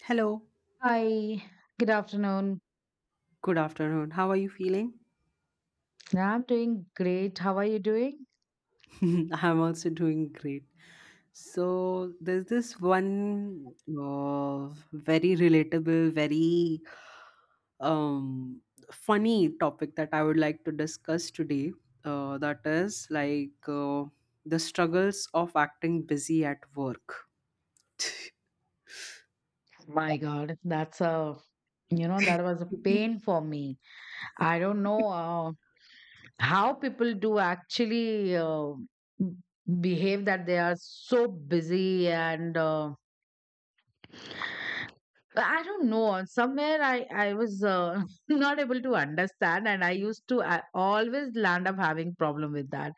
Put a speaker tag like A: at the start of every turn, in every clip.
A: Hello,
B: Hi, good afternoon.
A: good afternoon. How are you feeling?
B: I'm doing great. How are you doing?
A: I'm also doing great. So, there's this one uh, very relatable, very um, funny topic that I would like to discuss today. That is like The struggles of acting busy at work.
B: My God, that's a, you know, that was a pain for me. I don't know how people do actually m- behave that they are so busy and I don't know. Somewhere I was not able to understand and I used to I always land up having problem with that.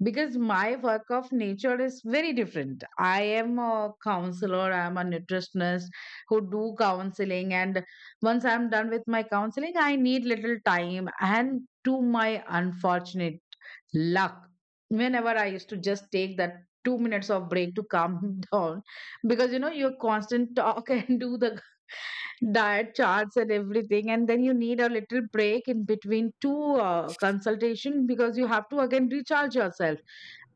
B: Because my work of nature is very different. I am a counselor, I am a nutritionist who do counseling, and once I'm done with my counseling, I need little time, and to my unfortunate luck, whenever I used to just take that 2 minutes of break to calm down, because you know your constant talk and do the diet charts and everything, and then you need a little break in between two consultation, because you have to again recharge yourself.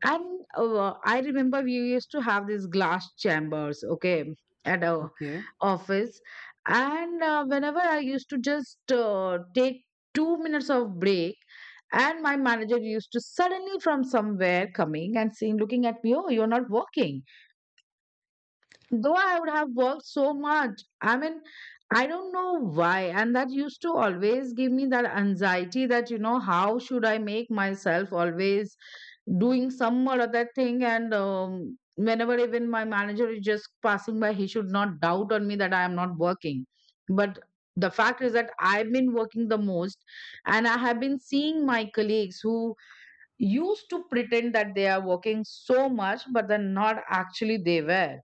B: And I remember we used to have these glass chambers, okay, at our
A: Okay.
B: office. And whenever I used to just take 2 minutes of break, and my manager used to suddenly from somewhere coming and saying, looking at me, oh, you're not working, though I would have worked so much. I mean, I don't know why. And that used to always give me that anxiety that, you know, how should I make myself always doing some or other thing? And whenever even my manager is just passing by, he should not doubt on me that I am not working. But the fact is that I've been working the most, and I have been seeing my colleagues who used to pretend that they are working so much, but they're not actually they were.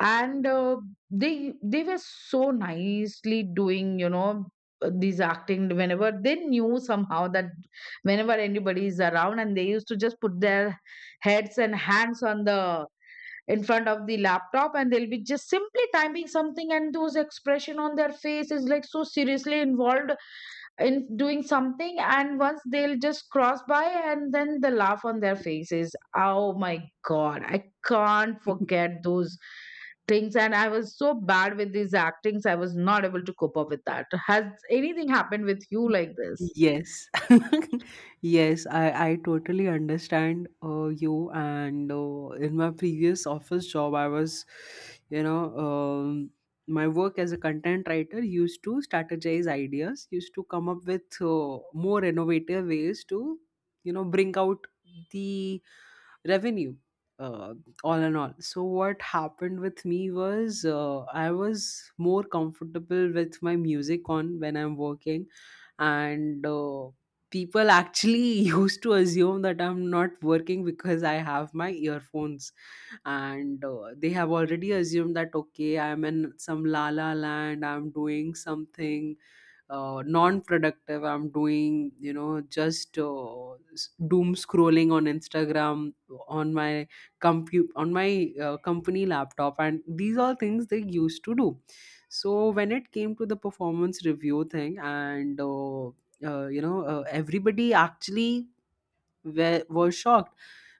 B: And they were so nicely doing, you know, these acting, whenever they knew somehow that whenever anybody is around, and they used to just put their heads and hands on the in front of the laptop, and they'll be just simply typing something, and those expression on their face is like so seriously involved in doing something. And once they'll just cross by, and then the laugh on their faces, oh my god, I can't forget those things. And I was so bad with these actings, I was not able to cope up with that. Has anything happened with you like this?
A: Yes, yes, I totally understand you. And in my previous office job, I was, you know, um, my work as a content writer used to strategize ideas, used to come up with more innovative ways to, you know, bring out the revenue, uh, all in all. So, what happened with me was I was more comfortable with my music on when I'm working and people actually used to assume that I'm not working because I have my earphones, and they have already assumed that okay, I'm in some la la land, I'm doing something non-productive, I'm doing, you know, just doom scrolling on Instagram on my compute on my company laptop, and these are things they used to do. So when it came to the performance review thing, and you know, everybody actually were shocked,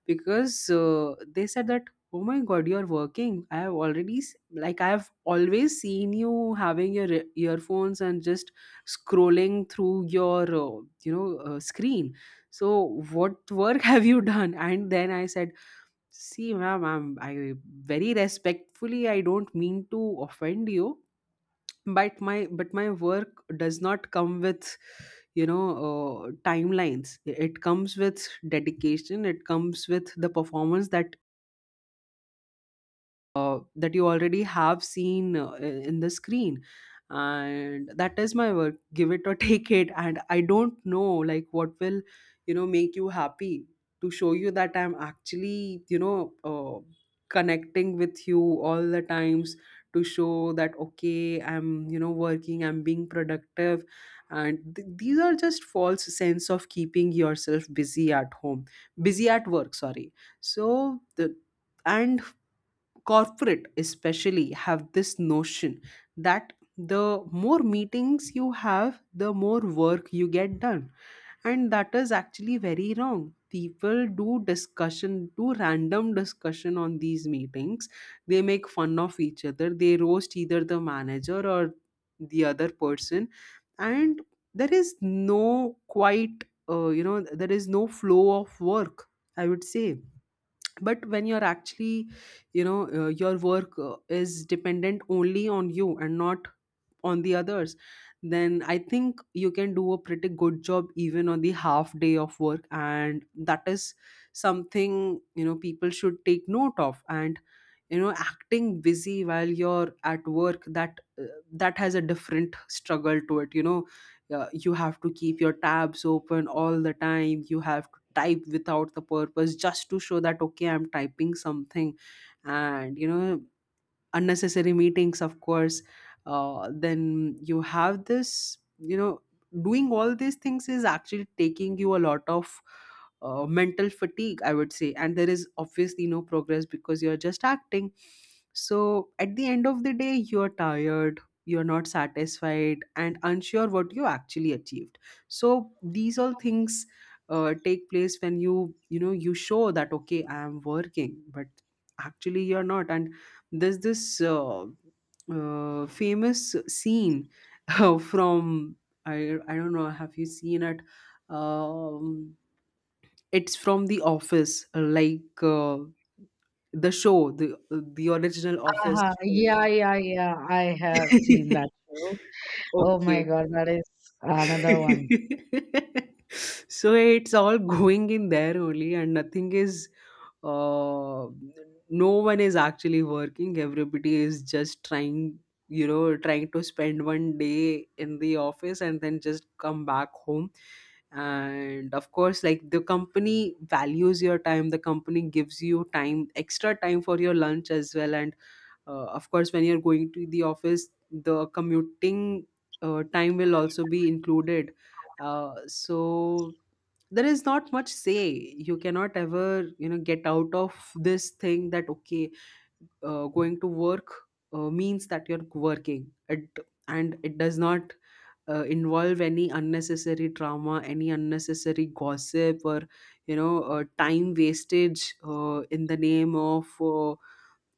A: because they said that oh my god, you're working. I have already s- like i've always seen you having your earphones and just scrolling through your you know, screen. So what work have you done? And then I said, see ma'am, I very respectfully I don't mean to offend you, but my work does not come with, you know, timelines. It comes with dedication, it comes with the performance that that you already have seen in the screen, and that is my work. Give it or take it. And I don't know, like what will, you know, make you happy to show you that I'm actually, you know, connecting with you all the times, to show that okay, I'm, you know, working, I'm being productive. And these are just false sense of keeping yourself busy at home, busy at work, sorry. So the, and corporate especially have this notion that the more meetings you have, the more work you get done. And that is actually very wrong. People do discussion, do random discussion on these meetings. They make fun of each other, they roast either the manager or the other person, and there is no quite you know, there is no flow of work, I would say. But when you're actually, you know, your work is dependent only on you and not on the others, then I think you can do a pretty good job even on the half day of work, and that is something, you know, people should take note of. And you know, acting busy while you're at work, that that has a different struggle to it, you know, you have to keep your tabs open all the time, you have to type without the purpose just to show that okay, I'm typing something. And you know, unnecessary meetings, of course, then you have this, you know, doing all these things is actually taking you a lot of mental fatigue, I would say, and there is obviously no progress because you're just acting. So at the end of the day, you're tired, you're not satisfied, and unsure what you actually achieved. So these all things take place when you know, you show that okay, I am working, but actually you're not. And there's this famous scene from, I don't know, have you seen it? Um, it's from The Office, the show, the original Office
B: Uh-huh.
A: show.
B: Yeah, yeah, yeah, I have seen that show. Oh my
A: Okay.
B: god, that is another one.
A: So it's all going in there only, and nothing is, uh, no one is actually working. Everybody is just trying, you know, trying to spend one day in the office and then just come back home. And of course, like the company values your time, the company gives you time, extra time for your lunch as well, and of course, when you're going to the office, the commuting time will also be included. So there is not much say. You cannot ever, you know, get out of this thing that okay, going to work means that you're working it, and it does not involve any unnecessary drama, any unnecessary gossip, or you know, time wastage in the name of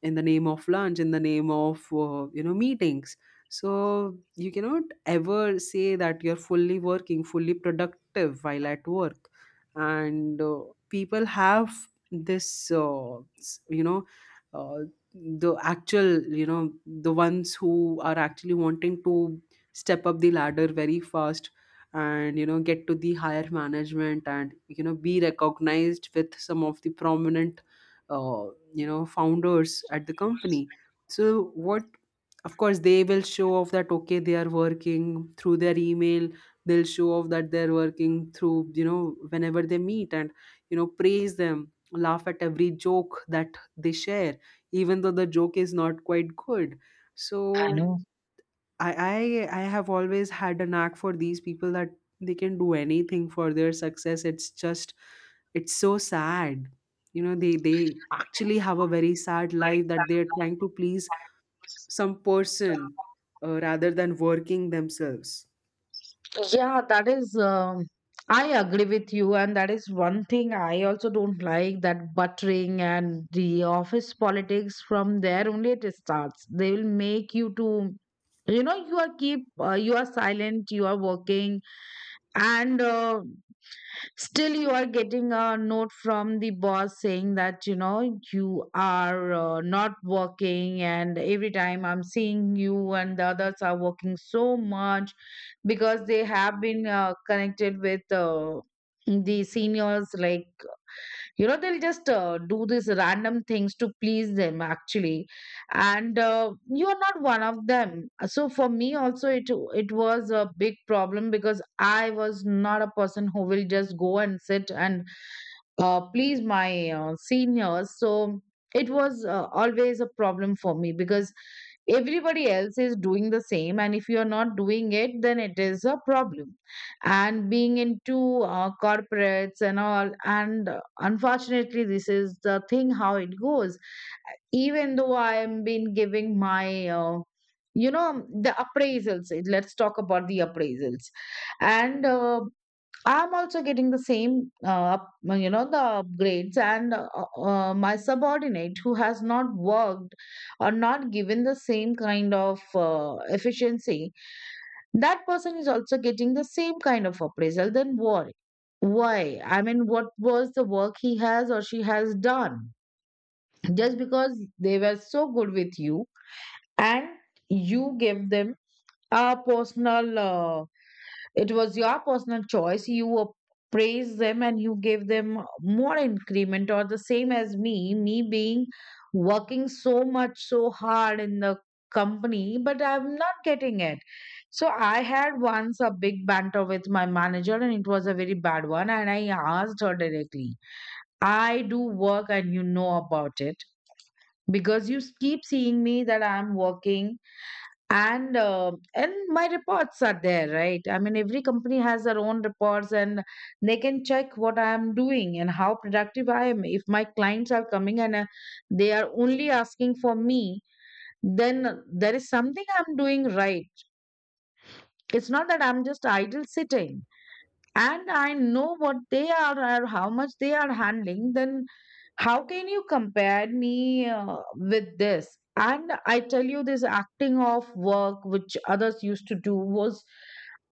A: in the name of lunch, in the name of you know, meetings. So you cannot ever say that you're fully working, fully productive while at work. And people have this you know, uh, the actual, you know, the ones who are actually wanting to step up the ladder very fast, and you know, get to the higher management, and you know, be recognized with some of the prominent uh, you know, founders at the company. So what, of course they will show off that okay, they are working through their email, they'll show off that they're working through, you know, whenever they meet, and you know, praise them, laugh at every joke that they share, even though the joke is not quite good.
B: I
A: So
B: know.
A: I have always had a knack for these people that they can do anything for their success. It's just it's so sad. You know, they actually have a very sad life that they're trying to please some person rather than working themselves.
B: Yeah, that is, I agree with you, and that is one thing I also don't like, that buttering and the office politics from there only it starts. They will make you to, you know, you are keep, you are silent, you are working, and still you are getting a note from the boss saying that, you know, you are not working and every time I'm seeing you, and the others are working so much, because they have been connected with the seniors. Like, you know, they'll just do these random things to please them actually, and you are not one of them. So for me also, it was a big problem, because I was not a person who will just go and sit and please my seniors. So it was always a problem for me, because everybody else is doing the same, and if you're not doing it, then it is a problem. And being into corporates and all, and unfortunately this is the thing how it goes. Even though I am been giving my you know, the appraisals, let's talk about the appraisals. And I'm also getting the same, you know, the upgrades, and my subordinate who has not worked or not given the same kind of efficiency, that person is also getting the same kind of appraisal. Then why? Why? I mean, what was the work he has or she has done? Just because they were so good with you, and you gave them a personal. It was your personal choice. You praised them and you gave them more increment or the same as me, me being working so much, so hard in the company, but I'm not getting it. So I had once a big banter with my manager, and it was a very bad one. And I asked her directly, I do work and you know about it, because you keep seeing me that I'm working. And um, and my reports are there, right? I mean, every company has their own reports, and they can check what I am doing and how productive I am. If my clients are coming and they are only asking for me, then there is something I'm doing right. It's not that I'm just idle sitting. And I know what they are or how much they are handling. Then how can you compare me with this? And I tell you, this acting off work, which others used to do, was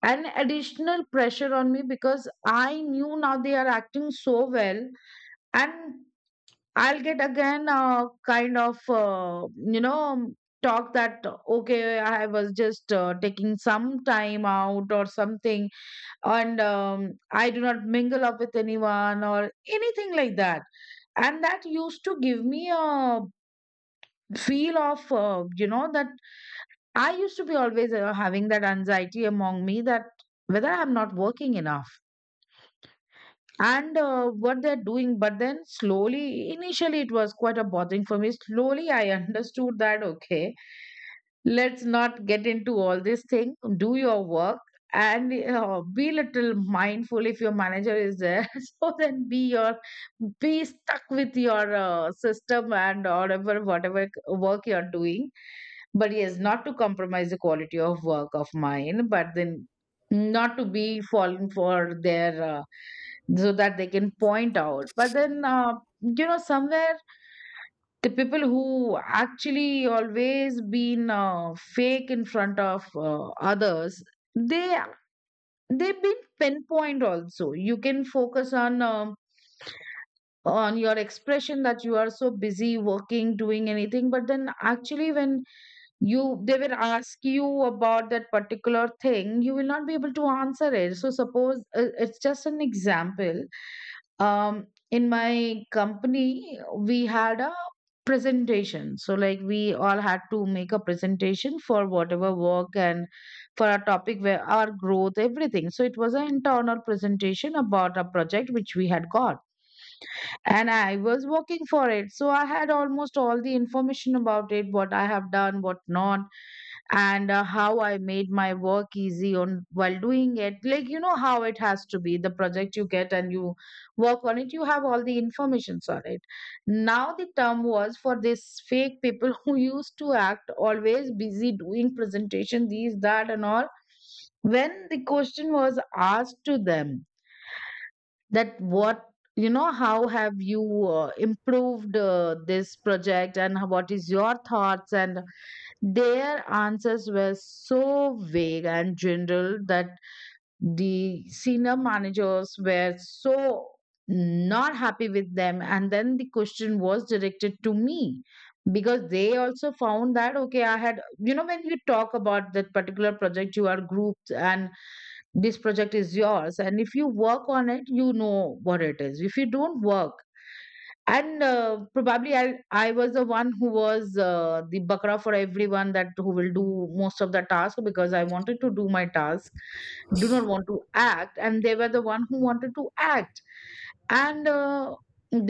B: an additional pressure on me, because I knew now they are acting so well, and I'll get again a kind of you know, talk that okay, I was just taking some time out or something. And I do not mingle up with anyone or anything like that. And that used to give me a feel of, you know, that I used to be always having that anxiety among me, that whether I'm not working enough, and what they're doing. But then slowly, initially it was quite a bothering for me. Slowly I understood that, okay, let's not get into all this thing, do your work. And be little mindful if your manager is there, so then be your be stuck with your system and whatever whatever work you're doing. But yes, not to compromise the quality of work of mine, but then not to be fallen for their so that they can point out. But then you know, somewhere the people who actually always been fake in front of others, they they've been pinpoint also. You can focus on your expression that you are so busy working doing anything, but then actually when you they will ask you about that particular thing, you will not be able to answer it. So suppose, it's just an example, um in my company we had a presentation. So like, we all had to make a presentation for whatever work, and for a topic where our growth everything. So it was an internal presentation about a project which we had got, and I was working for it. So I had almost all the information about it, what I have done, what not, and how I made my work easy on while doing it. Like, you know, how it has to be, the project you get and you work on it, you have all the informations on it. Now the term was for this fake people who used to act always busy doing presentation, these that and all. When the question was asked to them that what, you know, how have you improved this project and how- what is your thoughts, and their answers were so vague and general that the senior managers were so not happy with them. And then the question was directed to me, because they also found that, okay, I had, you know, when you talk about that particular project, you are grouped and this project is yours. And if you work on it, you know what it is. If you don't work, and probably I was the one who was the bakra for everyone, that who will do most of the task because I wanted to do my task, do not want to act, and they were the one who wanted to act and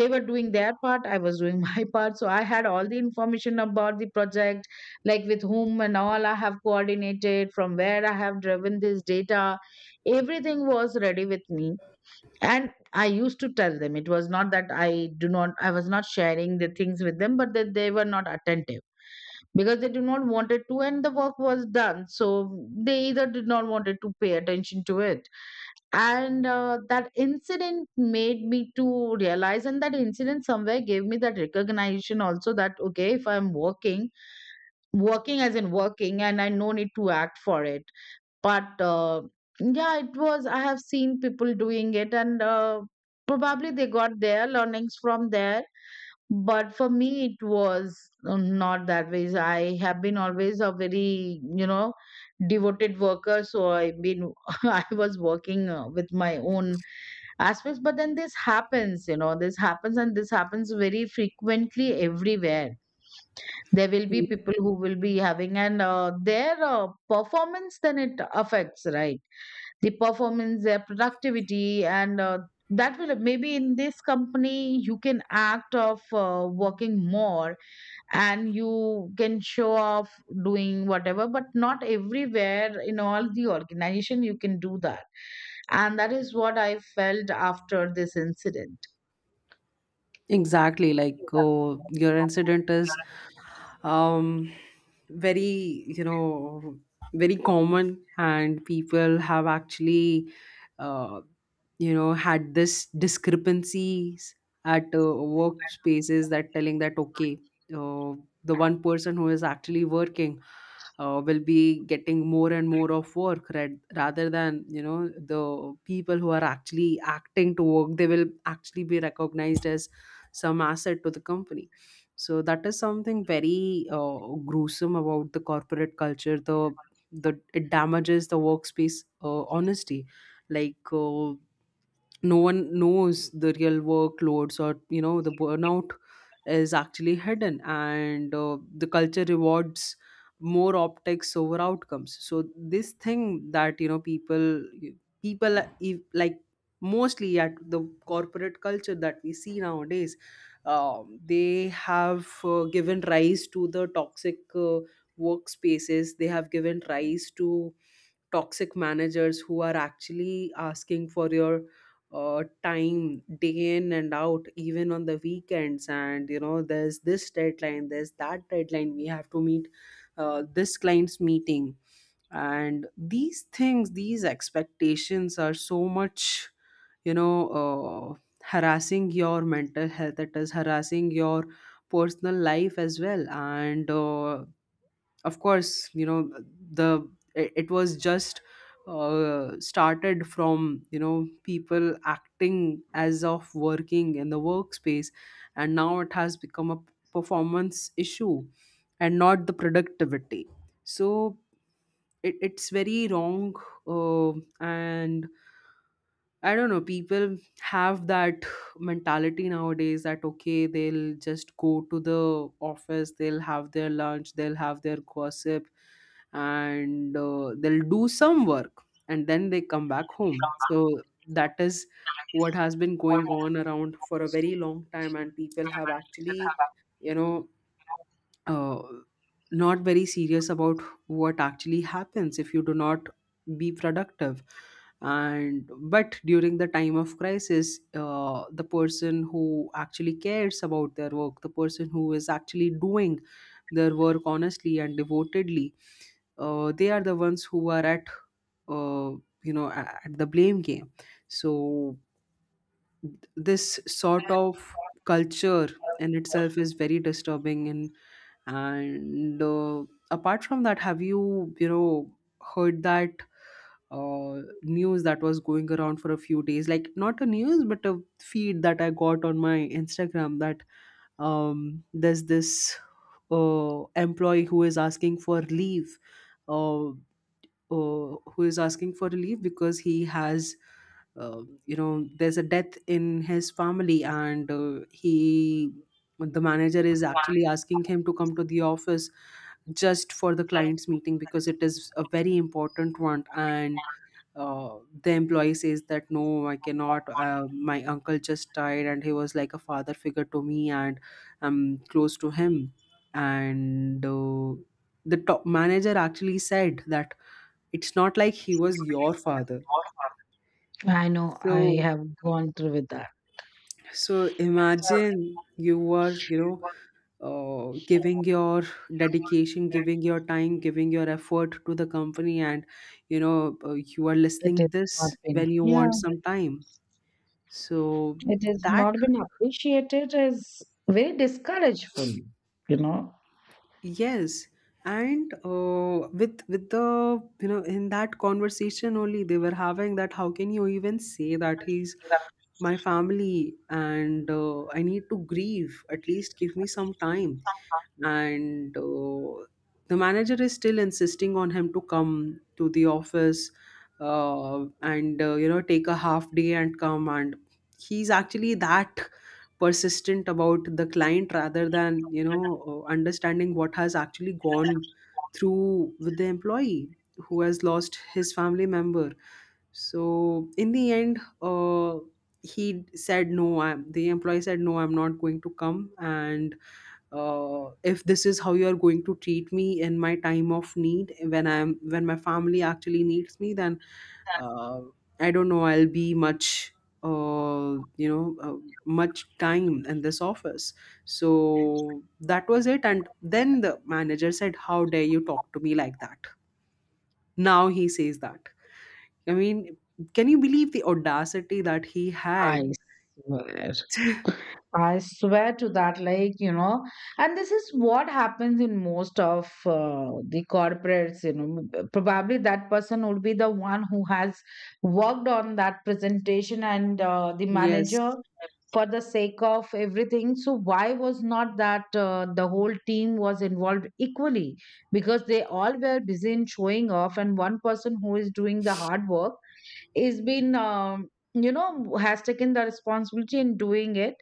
B: they were doing their part. I was doing my part, so I had all the information about the project, like with whom and all I have coordinated, from where I have driven this data. Everything was ready with me, and I used to tell them. It was not that I was not sharing the things with them, but that they were not attentive because they do not wanted to, and the work was done, so they either did not wanted to pay attention to it. And that incident made me to realize, and that incident somewhere gave me that recognition also, that okay, if I'm working, working as in working, and I no need to act for it. But yeah, it was, I have seen people doing it, and probably they got their learnings from there, but for me it was not that way. I have been always a very, you know, devoted worker, so I've been I was working with my own aspects. But then this happens, you know, this happens, and this happens very frequently everywhere. There will be
A: Mm.
B: people who will be having and their performance, then it affects, right? The performance, their productivity. And that will, maybe in this company you can act of working more, and you can show off doing whatever, but not everywhere, in all the organization you can do that. And that is what I felt after this incident.
A: Exactly. Like oh, your incident is um, very, you know, very common, and people have actually uh, you know, had this discrepancies at workspaces, that telling that okay, uh, the one person who is actually working will be getting more and more of work, right, rather than, you know, the people who are actually acting to work, they will actually be recognized as some asset to the company. So that is something very gruesome about the corporate culture. The it damages the workspace honesty. Like no one knows the real workloads, or you know, the burnout is actually hidden, and the culture rewards more optics over outcomes. So this thing that, you know, people people, if, like, mostly at the corporate culture that we see nowadays, they have given rise to the toxic workspaces, they have given rise to toxic managers who are actually asking for your time, day in and out, even on the weekends. And you know, there's this deadline, there's that deadline, we have to meet this client's meeting. And these things, these expectations are so much, you know, harassing your mental health, it is harassing your personal life as well. And of course, you know, the it was just started from, you know, people acting as of working in the workspace, and now it has become a performance issue and not the productivity. So it's very wrong, uh, and I don't know, people have that mentality nowadays that okay, they'll just go to the office, they'll have their lunch, they'll have their gossip, and they'll do some work, and then they come back home. So that is what has been going on around for a very long time, and people have actually, you know, uh, not very serious about what actually happens if you do not be productive. And but during the time of crisis, the person who actually cares about their work, the person who is actually doing their work honestly and devotedly, they are the ones who are at uh, you know, at the blame game. So this sort of culture in itself is very disturbing. And and uh, apart from that, have you, you know, heard that news that was going around for a few days, like not a news but a feed that I got on my Instagram, that there's this employee who is asking for leave, uh, who is asking for relief because he has, you know, there's a death in his family, and he the manager is actually asking him to come to the office just for the client's meeting because it is a very important one. And uh, the employee says that no, I cannot, my uncle just died, and he was like a father figure to me, and I'm close to him. And the top manager actually said that it's not like he was your father.
B: I know I
A: So
B: have gone through with that.
A: so imagine, you were, you know, giving your dedication, giving your time, giving your effort to the company, and you know, you are
B: It is
A: listening
B: not
A: this
B: been,
A: when you
B: yeah,
A: want some time. So
B: it has
A: that,
B: not been appreciated, is very discourageful, you know.
A: yes, and with the, you know, in that conversation only, they were having that how can you even say that he's my family. And I need to grieve. At least give me some time. And The manager is still insisting on him to come to the office, and you know take a half day and come, and he's actually that persistent about the client rather than understanding what has actually gone through with the employee who has lost his family member. So in the end, he said, "No, I'm—" the employee said, "No, I'm not going to come, and if this is how you are going to treat me in my time of need, when I'm when my family actually needs me, then uh, I don't know, I'll be much uh, you know uh, much time in this office." So that was it, and then the manager said, "How dare you talk to me like that?" Now he says that, i mean can you believe the audacity that he had?
B: I swear. I swear to that, like, you know, and this is what happens in most of the corporates, you know. Probably that person would be the one who has worked on that presentation, and the manager,
A: Yes.
B: for the sake of everything. So why was not that the whole team was involved equally? Because they all were busy in showing off, and one person who is doing the hard work is been you know, has taken the responsibility in doing it.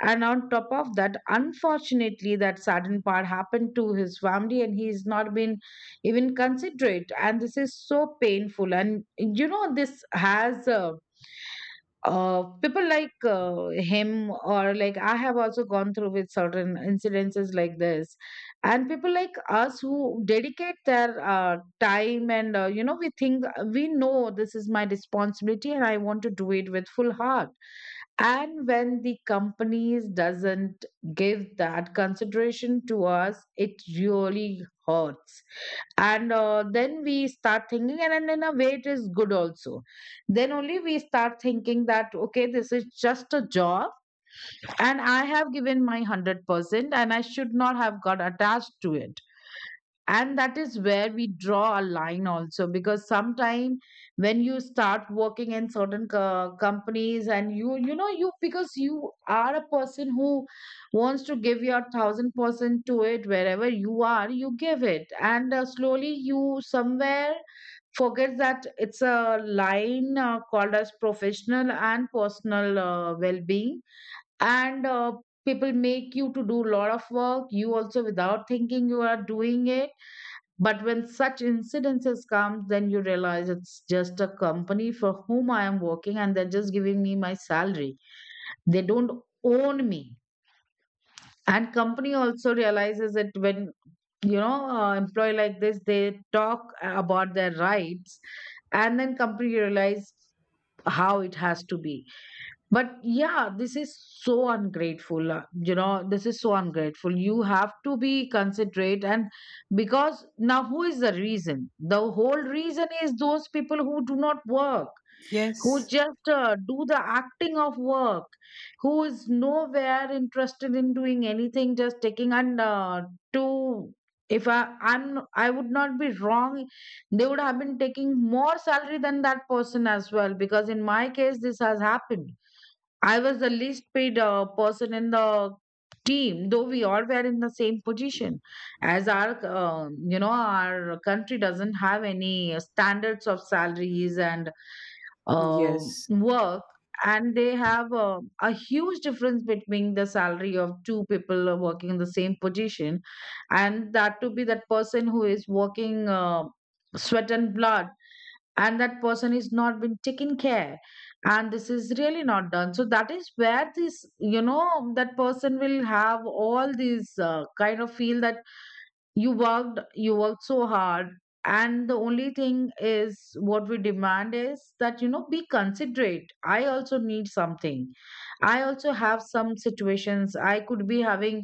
B: And on top of that, unfortunately, that sudden part happened to his family, and he's not been even considerate, and this is so painful. And you know, this has people like him, or like I have also gone through with certain incidences like this. And people like us who dedicate their time, and you know, we think, we know this is my responsibility and I want to do it with full heart. And when the companies doesn't give that consideration to us, it really hurts. And then we start thinking, and in a way it is good also. Then only we start thinking that okay, this is just a job, and I have given my 100%, and I should not have got attached to it. And that is where we draw a line also, because sometimes when you start working in certain companies, and you know, you, because you are a person who wants to give your 1000% to it wherever you are, you give it. And slowly you somewhere forgets that it's a line called as professional and personal well-being. And people make you to do a lot of work, you also without thinking you are doing it. But when such incidences come, then you realize it's just a company for whom I am working, and they're just giving me my salary. They don't own me. And company also realizes it when, you know, employee like this, they talk about their rights, and then company realize how it has to be. But yeah, this is so ungrateful, you know, this is so ungrateful. You have to be considerate. And because now, who is the reason? The whole reason is those people who do not work, who
A: Yes.
B: just do the acting of work, who is nowhere interested in doing anything, just taking, and to if I would not be wrong, they would have been taking more salary than that person as well, because in my case this has happened. I was the least paid person in the team, though we all were in the same position. As our, you know, our country doesn't have any standards of salaries and uh,
A: Yes.
B: work, and they have a huge difference between the salary of two people working in the same position. And that to be that person who is working sweat and blood, and that person is not been taken care. And this is really not done. So that is where this, you know, that person will have all these kind of feel that you worked, you worked so hard. And the only thing is what we demand is that, you know, be considerate. I also need something, I also have some situations I could be having,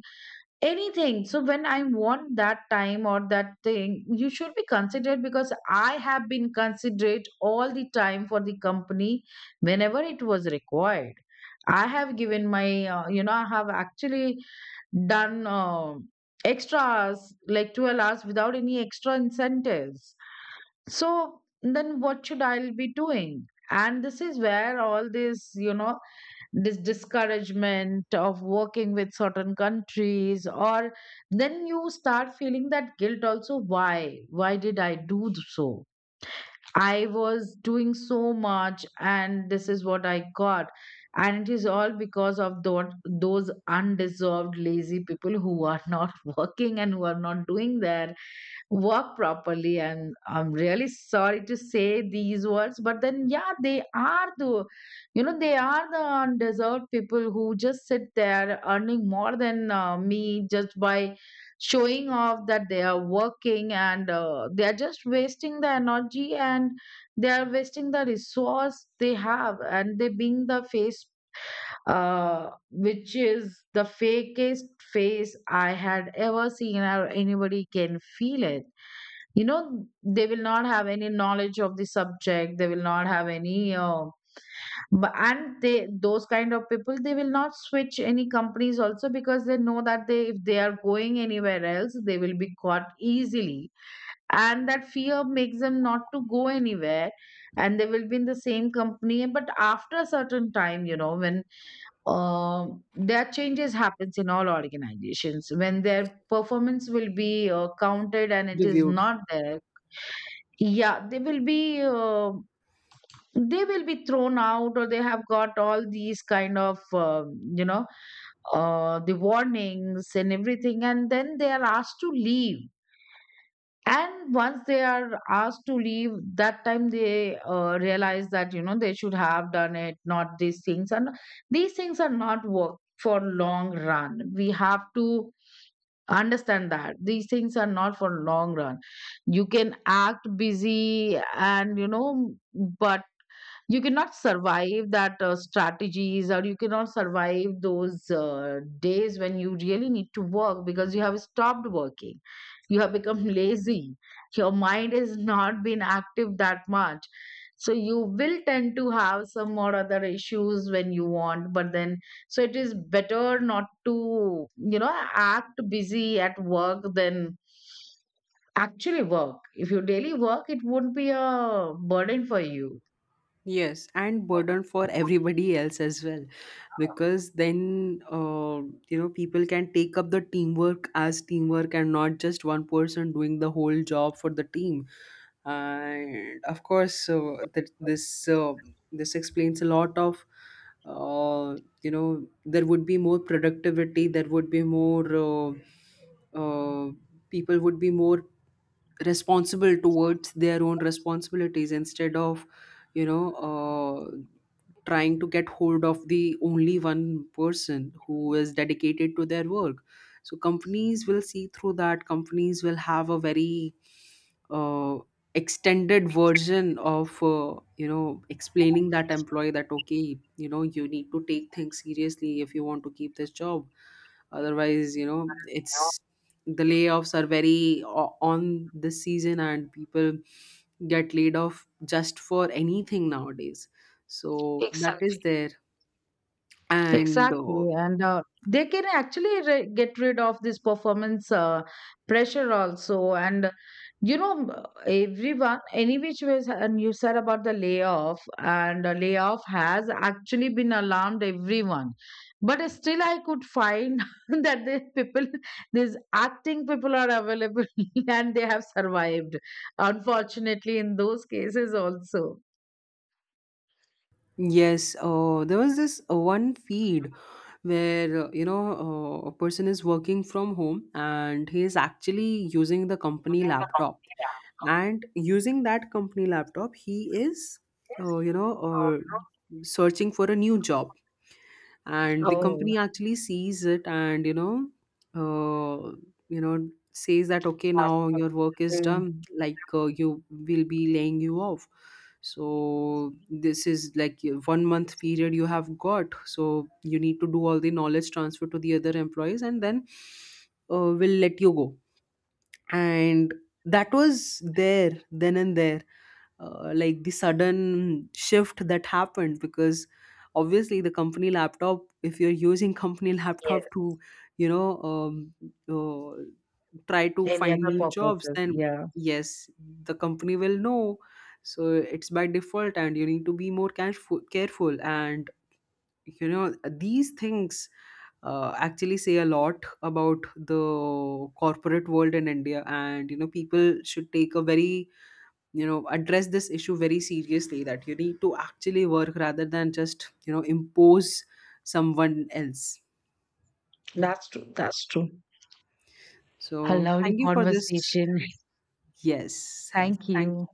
B: anything. So when I want that time or that thing, you should be considerate, because I have been considerate all the time for the company whenever it was required. I have given my you know, I have actually done extra hours, like 12 hours without any extra incentives. So then what should I be doing? And this is where all this, you know, this discouragement of working with certain countries. Or then you start feeling that guilt also, why did I do so I was doing so much, and this is what I got. And it is all because of those undeserved lazy people who are not working, and who are not doing their work properly. And I'm really sorry to say these words, but then yeah, they are the, you know, they are the undeserved people who just sit there earning more than me, just by showing off that they are working. And they are just wasting the energy, and they are wasting the resource they have. And they being the face, which is the fakest face I had ever seen, or anybody can feel it, you know. They will not have any knowledge of the subject, they will not have any but and they those kind of people, they will not switch any companies also, because they know that they, if they are going anywhere else, they will be caught easily. And that fear makes them not to go anywhere. And they will be in the same company, but after a certain time, you know, when their changes happens in all organizations, when their performance will be counted and it is
A: Reviewed.
B: not there, yeah, they will be thrown out, or they have got all these kind of you know, the warnings and everything, and then they are asked to leave. And once they are asked to leave, that time they realize that, you know, they should have done it, not these things. And these things are not work for long run. We have to understand that these things are not for long run. You can act busy, and you know, but you cannot survive that strategies, or you cannot survive those days when you really need to work, because you have stopped working, you have become lazy. Your mind is not been active that much. So you will tend to have some or other issues when you want. But then, so it is better not to, you know, act busy at work than actually work. If you daily work, it won't be a burden for you.
A: Yes, and burden for everybody else as well, because then, people can take up the teamwork as teamwork and not just one person doing the whole job for the team. And of course, this explains a lot of— there would be more productivity, there would be more— uh, people would be more responsible towards their own responsibilities instead of you know uh, trying to get hold of the only one person who is dedicated to their work. So companies will see through that. Companies will have a very uh, extended version of explaining that employee that, okay, you know, you need to take things seriously if you want to keep this job, otherwise, you know, it's the layoffs are very on this season and people get laid off just for anything nowadays. So that is there. And
B: Yeah, and they can actually get rid of this performance pressure also. And you know, everyone, any which ways. And you said about the layoff, and the layoff has actually been alarmed everyone. But still, I could find that the people, these acting people are available and they have survived, unfortunately, in those cases also.
A: yes, there was this one feed where, a person is working from home and he is actually using the company laptop, and using that company laptop he is uh, you know uh, searching for a new job, and the
B: Oh,
A: company actually sees it, and you know, uh, you know, says that, okay, now your work is
B: mm.
A: done, like, you will be laying you off. So this is like your 1 month period you have got, so you need to do all the knowledge transfer to the other employees, and then we'll let you go. And that was there, then and there, like the sudden shift that happened, because obviously the company laptop— if you're using company
B: Yes.
A: laptop to you know um, uh, try to
B: Any
A: find
B: other
A: new jobs,
B: purposes?
A: then
B: Yeah,
A: yes, the company will know. So it's by default, and you need to be more careful and you know, these things actually say a lot about the corporate world in india, and you know, people should take a very— you know, address this issue very seriously, that you need to actually work rather than just, you know, impose someone else.
B: that's true. That's a
A: So
B: lovely
A: thank you for this.
B: conversation.
A: Yes, yes.
B: Thank
A: Thank
B: you.